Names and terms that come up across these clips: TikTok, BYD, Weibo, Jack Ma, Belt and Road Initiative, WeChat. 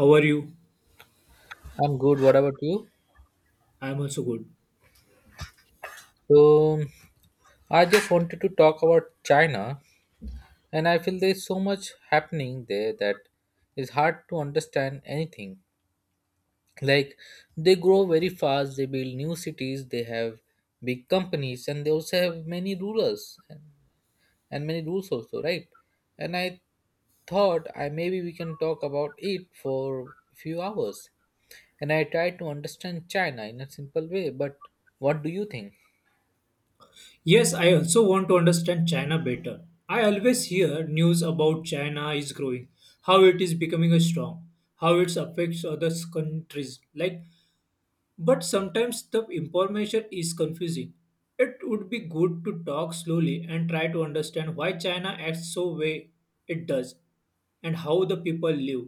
How are you? I'm good. What about you? I am also good. So, I just wanted to talk about China, and I feel there's so much happening there that it's hard to understand anything. Like, they grow very fast, they build new cities, they have big companies, and they also have many rulers and many rules, also, right? And I thought I maybe we can talk about it for a few hours. And I tried to understand China in a simple way, but what do you think? Yes, I also want to understand China better. I always hear news about China is growing, how it is becoming a strong, how it affects other countries. Like, but sometimes the information is confusing. It would be good to talk slowly and try to understand why China acts so way it does, and how the people live,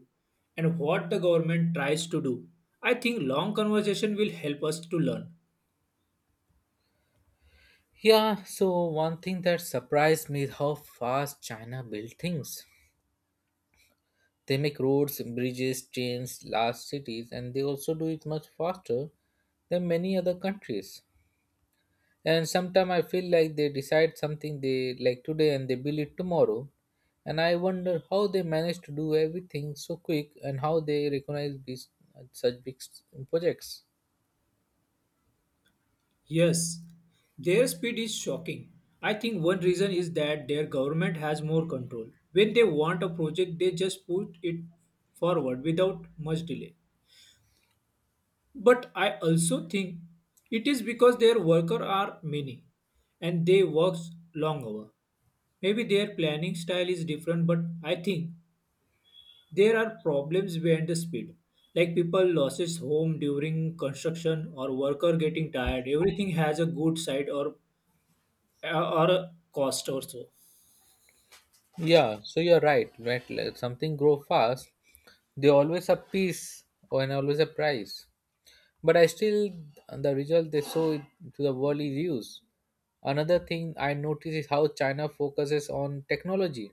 and what the government tries to do. I think long conversation will help us to learn. Yeah, so one thing that surprised me is how fast China built things. They make roads, bridges, trains, large cities, and they also do it much faster than many other countries. And sometimes I feel like they decide something they like today and they build it tomorrow. And I wonder how they manage to do everything so quick and how they recognize these, such projects. Yes, their speed is shocking. I think one reason is that their government has more control. When they want a project, they just push it forward without much delay. But I also think it is because their workers are many and they work long hours. Maybe their planning style is different, but I think there are problems behind the speed. Like people loses home during construction or worker getting tired. Everything has a good side or cost also. Yeah, so you're right. Right, like something grow fast. They always have peace or and always a price. But I still, the result they show it to the world is used. Another thing I notice is how China focuses on technology.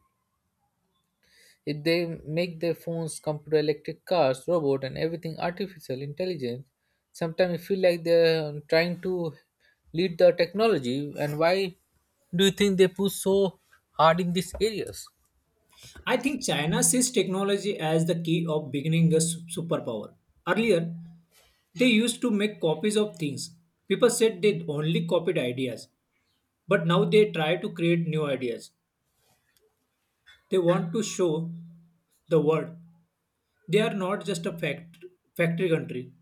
If they make their phones, computer, electric cars, robot, and everything artificial intelligence, sometimes it feel like they're trying to lead the technology. And why do you think they push so hard in these areas? I think China sees technology as the key of beginning a superpower. Earlier, they used to make copies of things. People said they only copied ideas, but now they try to create new ideas. They want to show the world they are not just a factory country,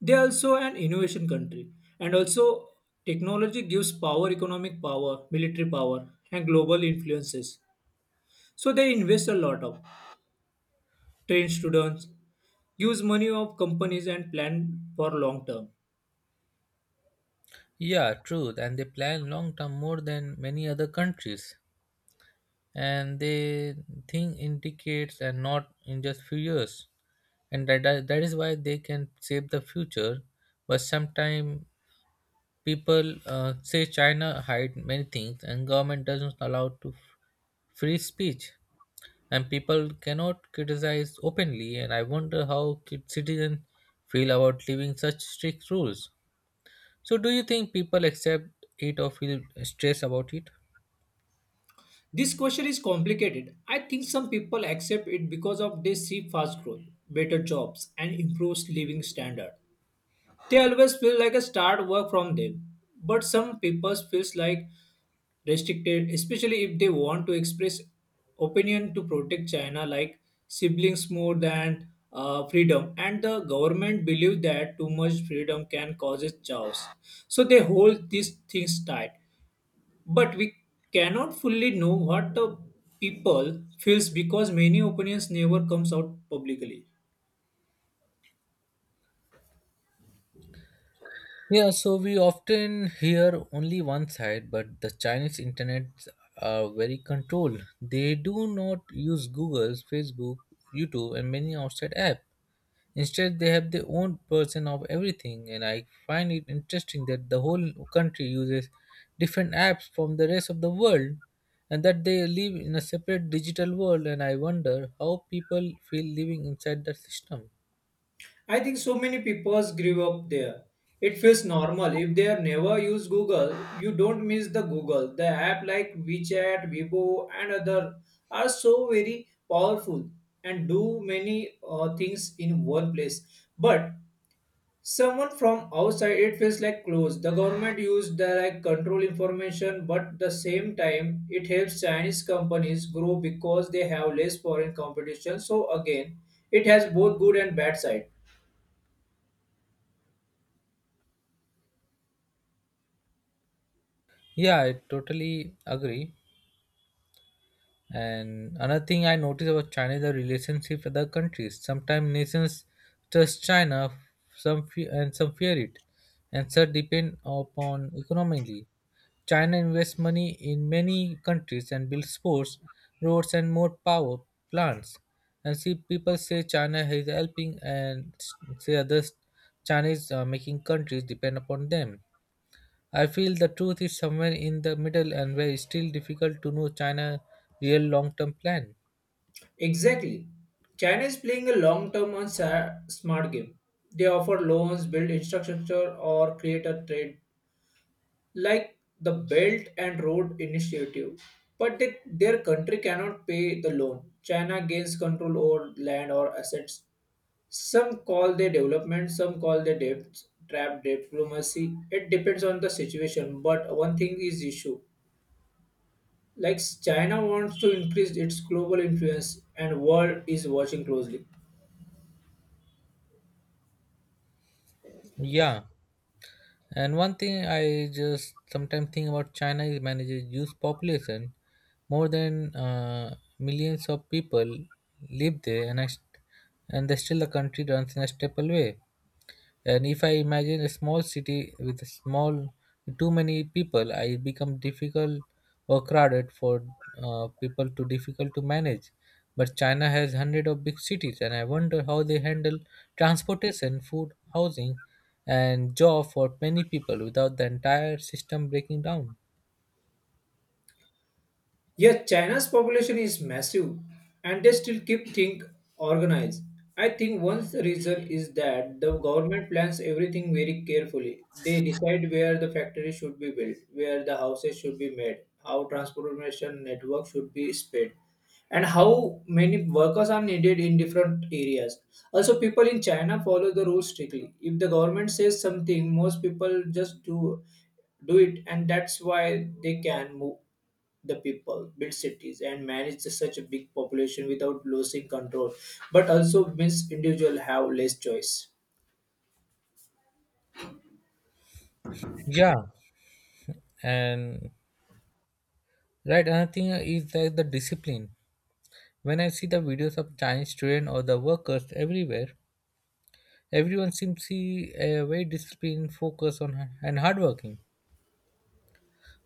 they are also an innovation country. And also, technology gives power, economic power, military power, and global influences. So they invest a lot of train students, use money of companies and plan for long term. Yeah, true. And they plan long term more than many other countries. And they think indicates and not in just few years and that is why they can save the future. But sometimes people say China hide many things and government doesn't allow to free speech and people cannot criticize openly. And I wonder how kid citizens feel about living such strict rules. So do you think people accept it or feel stress about it? This question is complicated. I think some people accept it because of they see fast growth, better jobs and improved living standard. They always feel like a start work from them, but some people feels like restricted, especially if they want to express opinion to protect China like siblings more than freedom, and the government believe that too much freedom can cause chaos, so they hold these things tight. But we cannot fully know what the people feels because many opinions never comes out publicly. Yeah, so we often hear only one side, but the Chinese internet are very controlled. They do not use Google, Facebook, YouTube, and many outside app. Instead, they have their own version of everything, and I find it interesting that the whole country uses different apps from the rest of the world, and that they live in a separate digital world. And I wonder how people feel living inside that system. I think so many people grew up there. It feels normal. If they are never use Google, you don't miss the Google. The app like WeChat, Weibo and other are so very powerful and do many things in one place. But someone from outside it feels like close the government used the like control information, but the same time it helps Chinese companies grow because they have less foreign competition, so again it has both good and bad side. Yeah, I totally agree. And another thing I notice about China is the relationship with other countries. Sometimes nations trust China, some fear it, and some depend upon economically. China invests money in many countries and builds ports, roads, and more power plants. And see, people say China is helping, and say others, China is making countries depend upon them. I feel the truth is somewhere in the middle and where it's still difficult to know China real long term plan. Exactly. China is playing a long term and smart game. They offer loans, build infrastructure or create a trade like the Belt and Road Initiative, but they, their country cannot pay the loan. China gains control over land or assets. Some call their development, some call their debts, trap diplomacy. It depends on the situation, but one thing is issue. Like China wants to increase its global influence and world is watching closely. Yeah. And one thing I just sometimes think about China is manages youth population. More than millions of people live there, and they still the country runs in a stable way. And if I imagine a small city with a small too many people, I become difficult or crowded for people to difficult to manage. But China has hundred of big cities, and I wonder how they handle transportation, food, housing, and job for many people without the entire system breaking down. Yes, China's population is massive and they still keep things organized. I think one reason is that the government plans everything very carefully. They decide where the factory should be built, where the houses should be made, how transportation network should be spread, and how many workers are needed in different areas. Also, people in China follow the rules strictly. If the government says something, most people just do it, and that's why they can move the people, build cities, and manage such a big population without losing control, but also means individuals have less choice. Yeah, and, right, another thing is that the discipline. When I see the videos of Chinese students or the workers everywhere, everyone seems to be very disciplined, focused on and hardworking.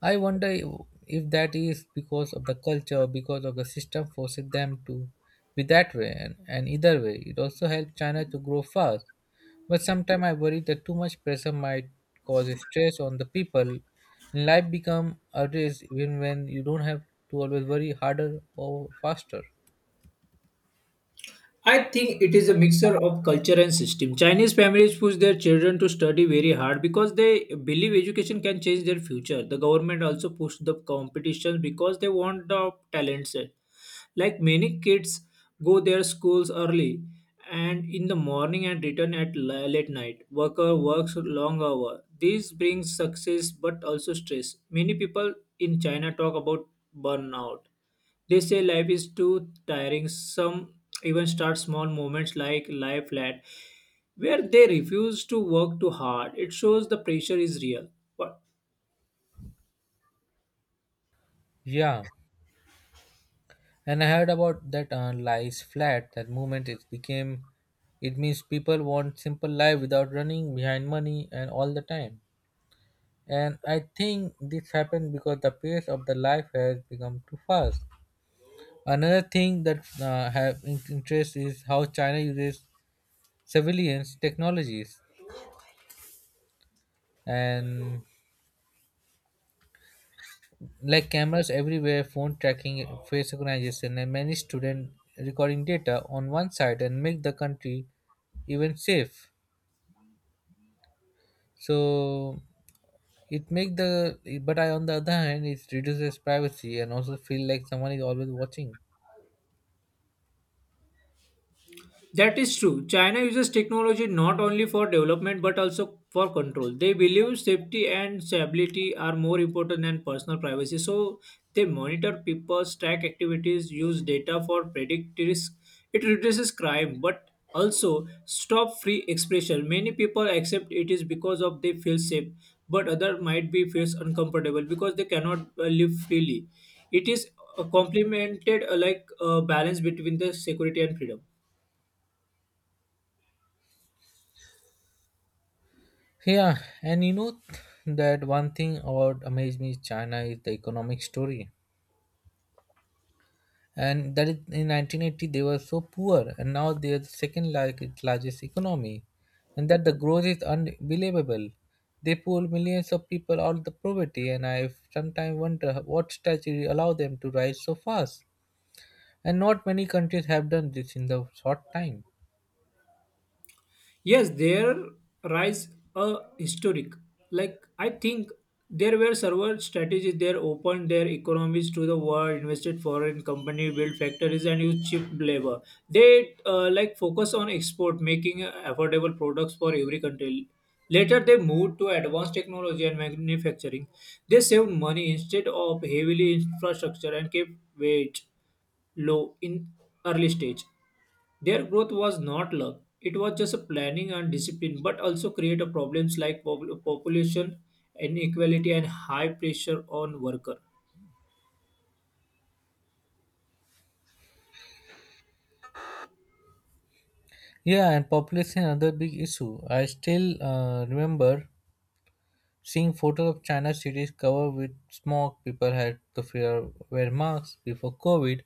I wonder if that is because of the culture or because of the system forces them to be that way. And either way, it also helps China to grow fast. But sometimes I worry that too much pressure might cause stress on the people. And life become a race even when you don't have to always worry harder or faster. I think it is a mixture of culture and system. Chinese families push their children to study very hard because they believe education can change their future. The government also push the competition because they want the talents. Like many kids go their schools early and in the morning and return at late night. Worker works long hour. This brings success but also stress. Many people in China talk about burnout. They say life is too tiring. Some even start small movements like lie flat where they refuse to work too hard. It shows the pressure is real. But Yeah. And I heard about that lies flat. That movement it became, it means people want simple life without running behind money and all the time. And I think this happened because the pace of the life has become too fast. Another thing that interest is how China uses surveillance technologies and like cameras everywhere, phone tracking, face recognition, and many student recording data on one side and make the country even safe. So it make the but I on the other hand it reduces privacy and also feel like someone is always watching. that is true. China uses technology not only for development but also for control. They believe safety and stability are more important than personal privacy. So they monitor people's track activities, use data for predict risk. It reduces crime but also stop free expression. Many people accept it is because of they feel safe, but other might be feels uncomfortable because they cannot live freely. It is complemented like a balance between the security and freedom. Yeah, and you know that one thing about amazed me is China is the economic story, and that is in 1980 they were so poor and now they are the second largest economy, and that the growth is unbelievable. They pull millions of people out of the poverty, and I sometimes wonder what strategy allow them to rise so fast. And not many countries have done this in the short time. Yes, there rise a historic. Like I think there were several strategies. They opened their economies to the world, invested foreign company, built factories and used cheap labor. They like focus on export, making affordable products for every country. Later they moved to advanced technology and manufacturing. They saved money instead of heavily infrastructure and kept wage low in early stage. Their growth was not luck. It was just a planning and discipline, but also created problems like population inequality and high pressure on worker. Yeah, and population another big issue. I still remember seeing photos of China cities covered with smog. People had to fear wear masks before COVID.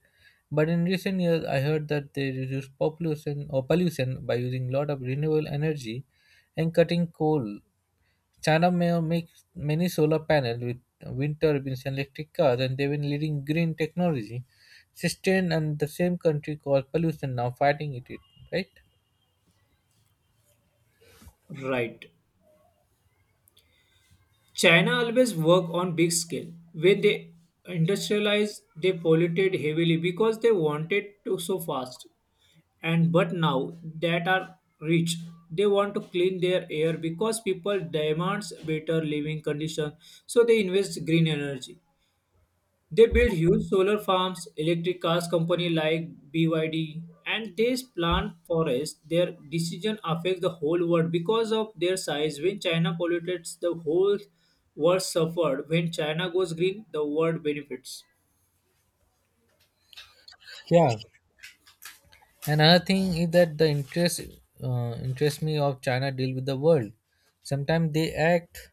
But in recent years, I heard that they reduce population or pollution by using lot of renewable energy and cutting coal. China may make many solar panels with wind turbines and electric cars, and they've been leading green technology. Sustain and the same country cause pollution now fighting it, right? Right. China always work on big scale. When they industrialized, they polluted heavily because they wanted to so fast. And but now that are rich, they want to clean their air because people demands better living conditions. So they invest green energy. They build huge solar farms, electric cars company like BYD, and they plant forests. Their decision affects the whole world because of their size. When China pollutes, the whole world suffered. When China goes green, the world benefits. Yeah, another thing is that the interest me of China deal with the world. Sometimes they act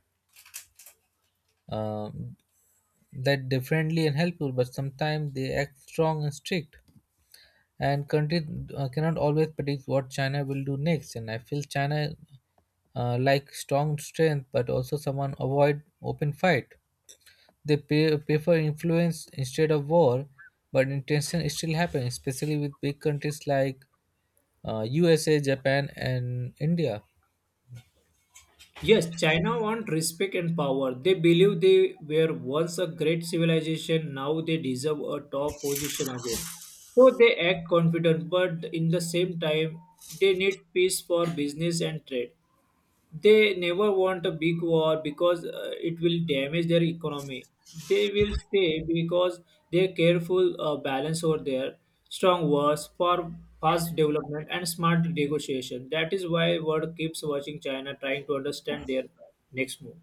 uh, that differently and helpful, but sometimes they act strong and strict. And countries cannot always predict what China will do next. And I feel China like strong strength, but also someone avoid open fight. They prefer influence instead of war, but intention still happens, especially with big countries like USA, Japan, and India. Yes, China wants respect and power. They believe they were once a great civilization, now they deserve a top position again. So they act confident, but in the same time, they need peace for business and trade. They never want a big war because it will damage their economy. They will stay because they careful balance over their strong wars for fast development and smart negotiation. That is why world keeps watching China trying to understand their next move.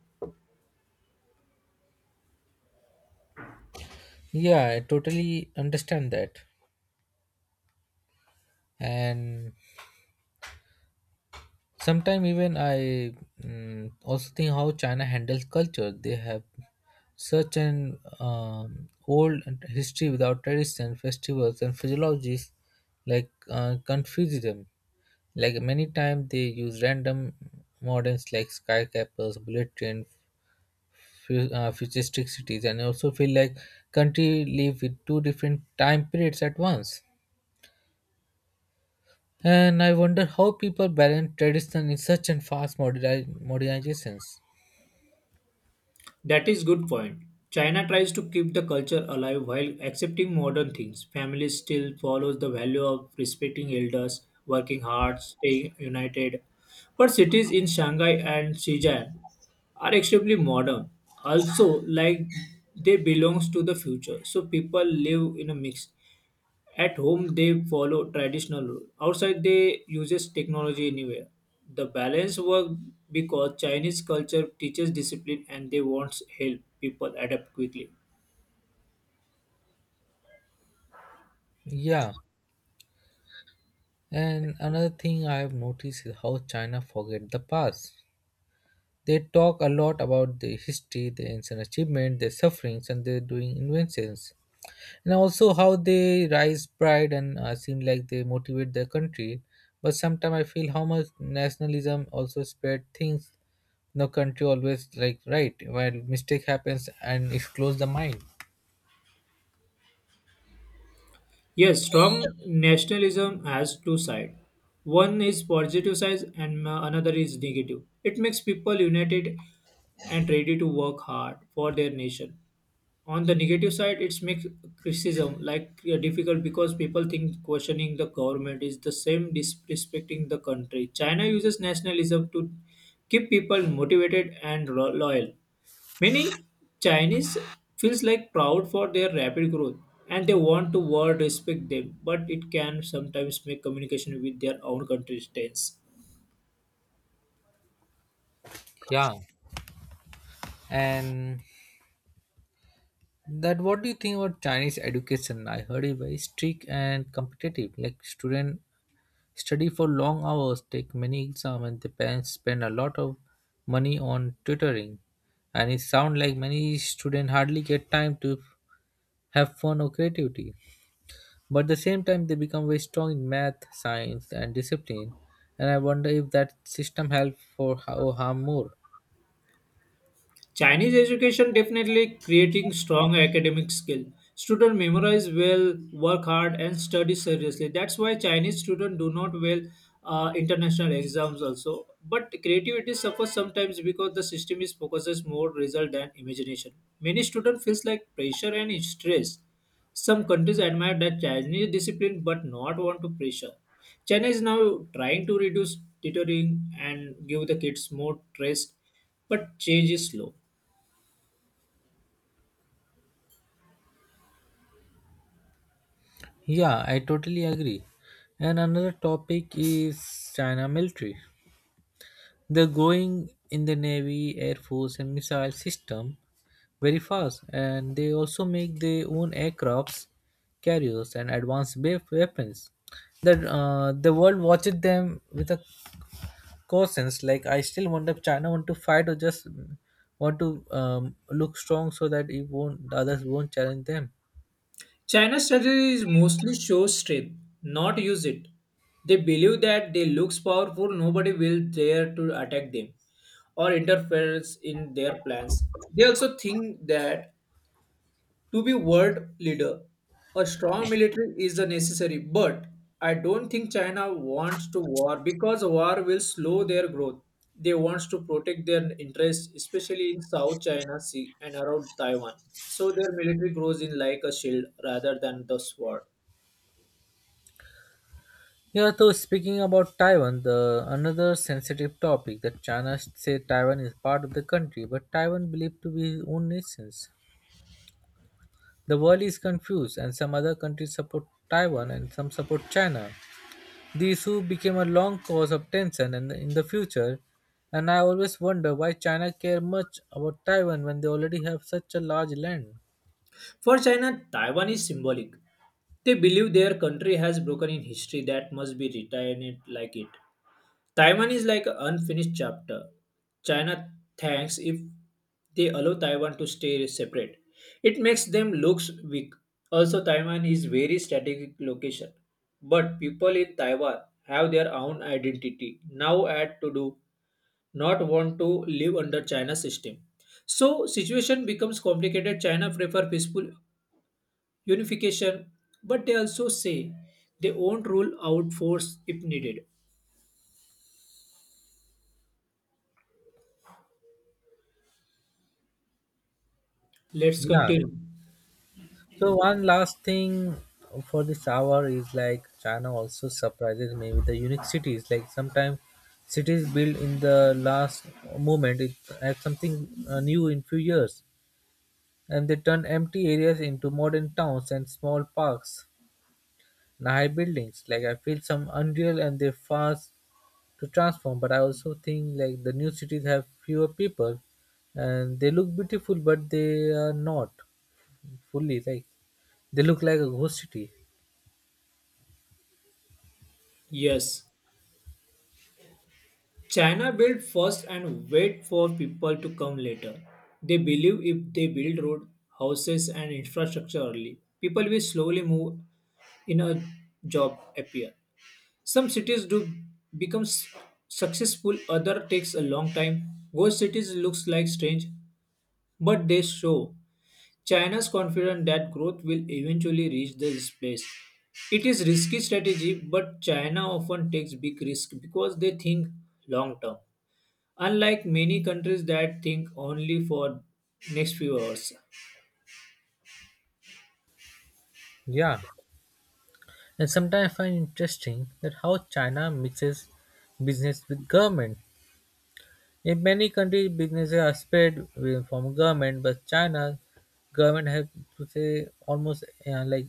Yeah, I totally understand that. And sometimes even I also think how China handles culture. They have such an old history without tradition, festivals, and physiologies like confuse them. Like many times they use random models like skyscrapers, bullet train, futuristic cities, and I also feel like country live with two different time periods at once. And I wonder how people balance tradition in such and fast modernizations. That is good point. China tries to keep the culture alive while accepting modern things. Families still follows the value of respecting elders, working hard, staying united. But cities in Shanghai and Shenzhen are extremely modern. Also, like they belongs to the future. So people live in a mix. At home, they follow traditional rule. Outside, they uses technology anywhere. The balance work because Chinese culture teaches discipline and they want help people adapt quickly. Yeah, and another thing I have noticed is how China forget the past. They talk a lot about the history, their ancient achievement, their sufferings, and their doing inventions, and also how they rise pride and seem like they motivate their country. But sometimes I feel how much nationalism also spread things. No country always like right while mistake happens and it close the mind. Yes, strong nationalism has two sides. One is positive side and another is negative. It makes people united and ready to work hard for their nation. On the negative side it's makes criticism like difficult because people think questioning the government is the same disrespecting the country. China uses nationalism to keep people motivated and loyal. Many Chinese feels like proud for their rapid growth and they want to world respect them, but it can sometimes make communication with their own country tense. Yeah, and that what do you think about Chinese education? I heard it very strict and competitive. Like student study for long hours, take many exam, and the parents spend a lot of money on tutoring. And it sound like many students hardly get time to have fun or creativity. But at the same time, they become very strong in math, science, and discipline. And I wonder if that system help for how or harm more. Chinese education definitely creating strong academic skill. Student memorize well, work hard, and study seriously. That's why Chinese students do not well international exams also. But creativity suffers sometimes because the system is focuses more result than imagination. Many students feels like pressure and stress. Some countries admire that Chinese discipline but not want to pressure. China is now trying to reduce tutoring and give the kids more rest, but change is slow. Yeah, I totally agree. And another topic is China military. They're growing in the Navy, Air Force, and missile system very fast, and they also make their own aircrafts, carriers, and advanced weapons. That the world watches them with a caution. Like I still wonder if China want to fight or just want to look strong so that it won't the others won't challenge them. China's strategy is mostly show strength, not use it. They believe that they looks powerful, nobody will dare to attack them or interferes in their plans. They also think that to be world leader, a strong military is a necessary, but I don't think China wants to war because war will slow their growth. They want to protect their interests, especially in South China Sea and around Taiwan. So their military grows in like a shield rather than the sword. Yeah, so speaking about Taiwan, the another sensitive topic that China say Taiwan is part of the country, but Taiwan believed to be its own nation. The world is confused, and some other countries support Taiwan and some support China. The issue became a long cause of tension and in the future, and I always wonder why China care much about Taiwan when they already have such a large land. For China, Taiwan is symbolic. They believe their country has broken in history that must be retained like it. Taiwan is like an unfinished chapter. China thanks if they allow Taiwan to stay separate. It makes them look weak. Also, Taiwan is very strategic location. But people in Taiwan have their own identity. Now add to do not want to live under China system. So situation becomes complicated. China prefer peaceful unification, but they also say they won't rule out force if needed. Let's Yeah. continue. So one last thing for this hour is like China also surprises me with the unique cities. Like sometimes cities built in the last moment, it has something new in few years. And they turn empty areas into modern towns and small parks and high buildings. Like I feel some unreal and they fast to transform, but I also think like the new cities have fewer people and they look beautiful, but they are not fully like they look like a ghost city. Yes. China built first and wait for people to come later. They believe if they build road, houses and infrastructure early, people will slowly move in a job appear. Some cities do become successful, other takes a long time. Ghost cities looks like strange, but they show China's confident that growth will eventually reach this place. It is risky strategy, but China often takes big risk because they think long term. Unlike many countries that think only for next few hours. Yeah, and sometimes I find interesting that how China mixes business with government. In many countries, businesses are separate from government, but China government has to say almost like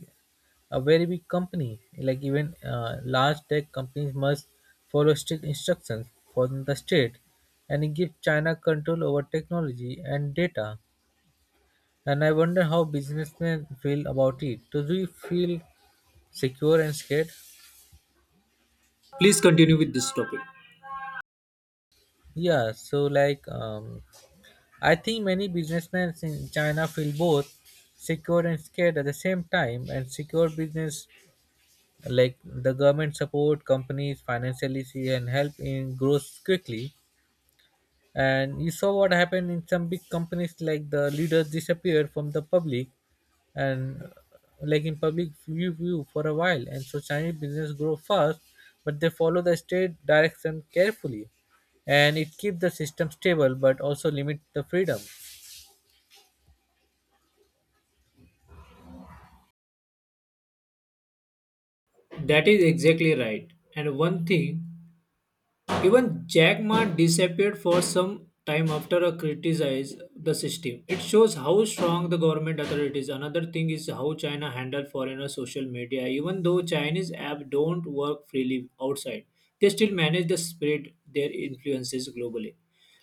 a very big company. Like even large tech companies must follow strict instructions from the state, and it gives China control over technology and data. And I wonder how businessmen feel about it. Do you feel secure and scared? Please continue with this topic. Yeah. So like. I think many businessmen in China feel both secure and scared at the same time. And secure business, like the government support companies financially and help in growth quickly. And you saw what happened in some big companies, like the leaders disappeared from the public and like in public view for a while. And so Chinese business grow fast, but they follow the state direction carefully. And it keeps the system stable, but also limit the freedom. That is exactly right. And one thing, even Jack Ma disappeared for some time after a criticized the system. It shows how strong the government authorities. Another thing is how China handle foreigner social media. Even though Chinese app don't work freely outside, they still manage to spread their influences globally.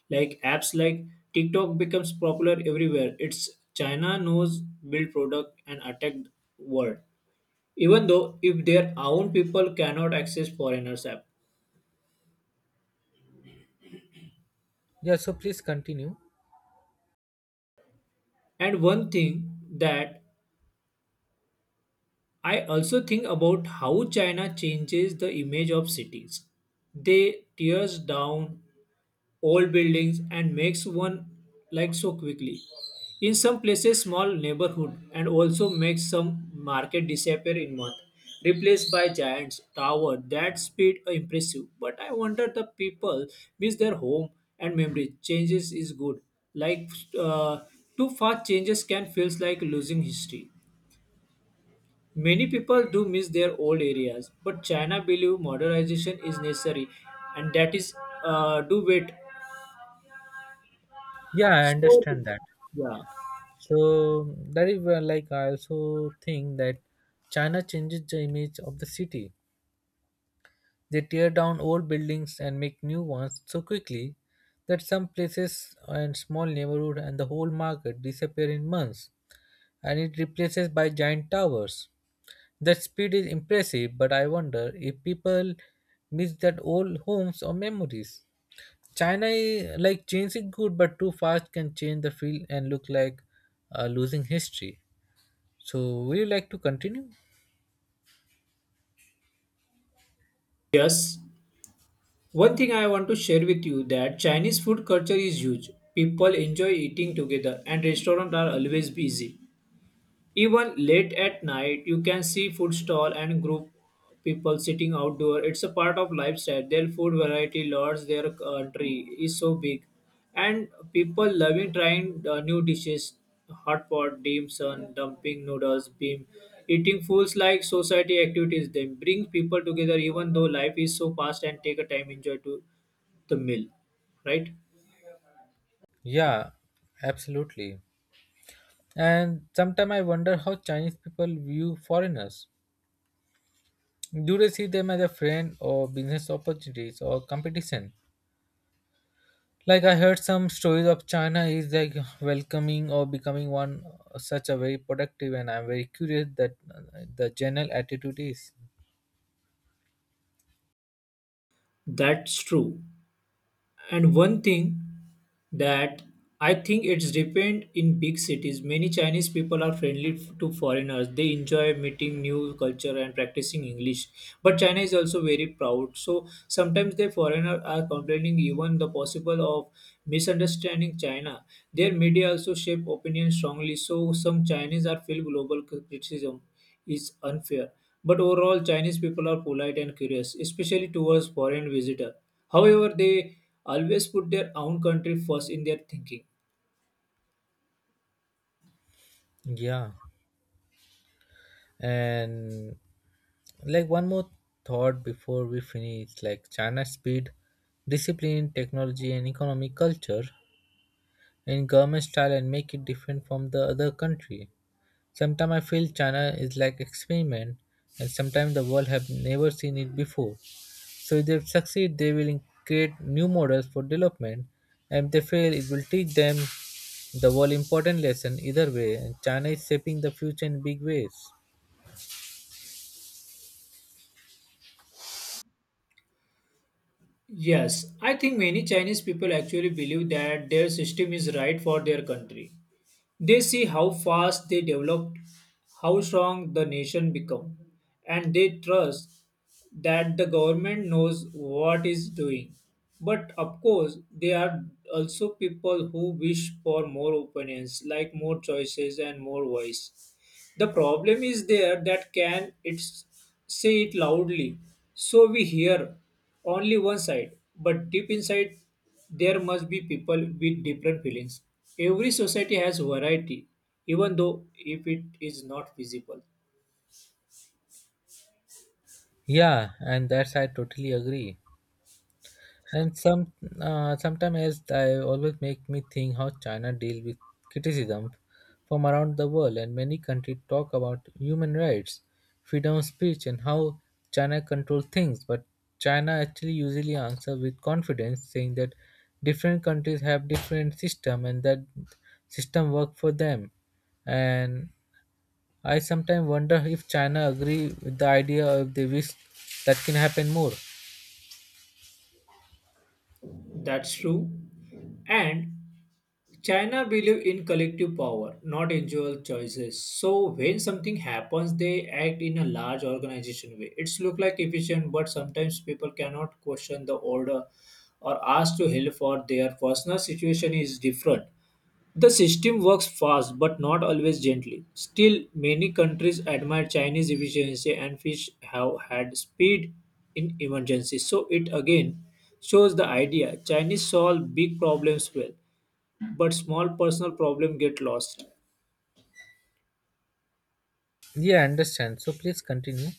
Like apps like TikTok becomes popular everywhere. It's China knows build product and attack world. Even though if their own people cannot access foreigners app. Yeah, so please continue. And one thing that I also think about how China changes the image of cities. They tears down old buildings and makes one like so quickly. In some places, small neighborhood and also makes some market disappear in month, replaced by giants tower. That speed impressive. But I wonder the people miss their home and memory. Changes is good. Like uh, too fast changes can feels like losing history. Many people do miss their old areas, but China believe modernization is necessary, and that is do wait. Yeah, I So, understand that. yeah, So that is where, like, I also think that China changes the image of the city. They tear down old buildings and make new ones so quickly that some places and small neighborhood and the whole market disappear in months, and it replaces by giant towers. That speed is impressive, but I wonder if people miss that old homes or memories. China, eh, like changing good but too fast can change the field and look like losing history. So, would you like to continue? yes. One thing I want to share with you that Chinese food culture is huge. People enjoy eating together, and restaurants are always busy. Even late at night, you can see food stall and group people sitting outdoor. It's a part of lifestyle. Their food variety lords their country is so big, and people loving trying new dishes, hot pot, dim sum, dumping noodles, beam. Eating fools like society activities. They bring people together, even though life is so fast, and take a time enjoy to the meal, right? Yeah, absolutely. And sometimes I wonder how Chinese people view foreigners. Do they see them as a friend or business opportunities or competition? Like I heard some stories of China is like welcoming or becoming one such a very productive, and I'm very curious that the general attitude is. That's true. And one thing that I think it's depend in big cities. Many Chinese people are friendly to foreigners. They enjoy meeting new culture and practicing English, but China is also very proud. So sometimes the foreigners are complaining even the possible of misunderstanding China. Their media also shape opinion strongly, so some Chinese are feel global criticism is unfair. But overall, Chinese people are polite and curious, especially towards foreign visitor. However, they always put their own country first in their thinking. Yeah, and like one more thought before we finish like China's speed, discipline, technology, and economic culture and government style and make it different from the other country. Sometimes I feel China is like experiment, and sometimes the world have never seen it before. So if they succeed, they will create new models for development, and if they fail it will teach them the world important lesson either way, and China is shaping the future in big ways. Yes, I think many Chinese people actually believe that their system is right for their country. They see how fast they developed, how strong the nation become, and they trust that the government knows what is doing. But of course, there are also people who wish for more opinions, like more choices and more voice. The problem is there that can say it loudly, so we hear only one side. But deep inside, there must be people with different feelings. Every society has variety, even though if it is not visible. Yeah, and that's I totally agree. And sometimes else I always make me think how China deal with criticism from around the world, and many countries talk about human rights, freedom of speech, and how China control things. But China actually usually answer with confidence, saying that different countries have different system and that system work for them. And I sometimes wonder if China agree with the idea, or if they wish that can happen more. That's true. And China believe in collective power, not individual choices. So when something happens, they act in a large organization way. It's look like efficient, but sometimes people cannot question the order or ask to help for their personal situation is different. The system works fast but not always gently. Still, many countries admire Chinese efficiency and fish have had speed in emergencies. So it again shows the idea Chinese solve big problems well but small personal problem get lost. Yeah, I understand. So please continue.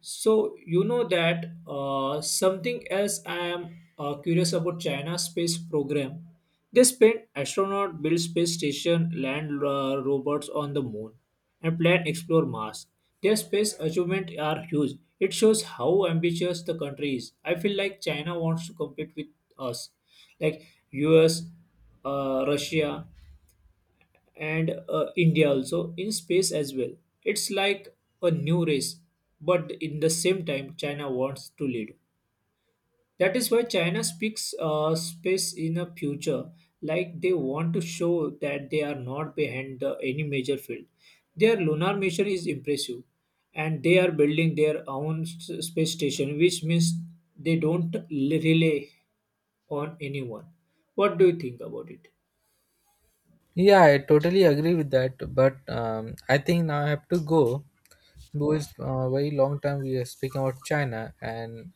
So you know that something else I am curious about China space program. They spend astronaut build space station, land robots on the moon, and plan explore Mars. Their space achievements are huge. It shows how ambitious the country is. I feel like China wants to compete with us, like US, Russia, and India also in space as well. It's like a new race, but in the same time, China wants to lead. That is why China speaks space in a future, like they want to show that they are not behind the, any major field. Their lunar mission is impressive, and they are building their own space station, which means they don't rely on anyone. What do you think about it? Yeah, I totally agree with that. But I think now I have to go because very long time we are speaking about China, and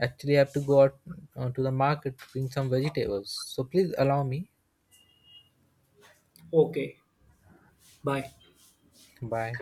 actually I have to go out to the market to bring some vegetables. So please allow me. Okay, bye. Bye.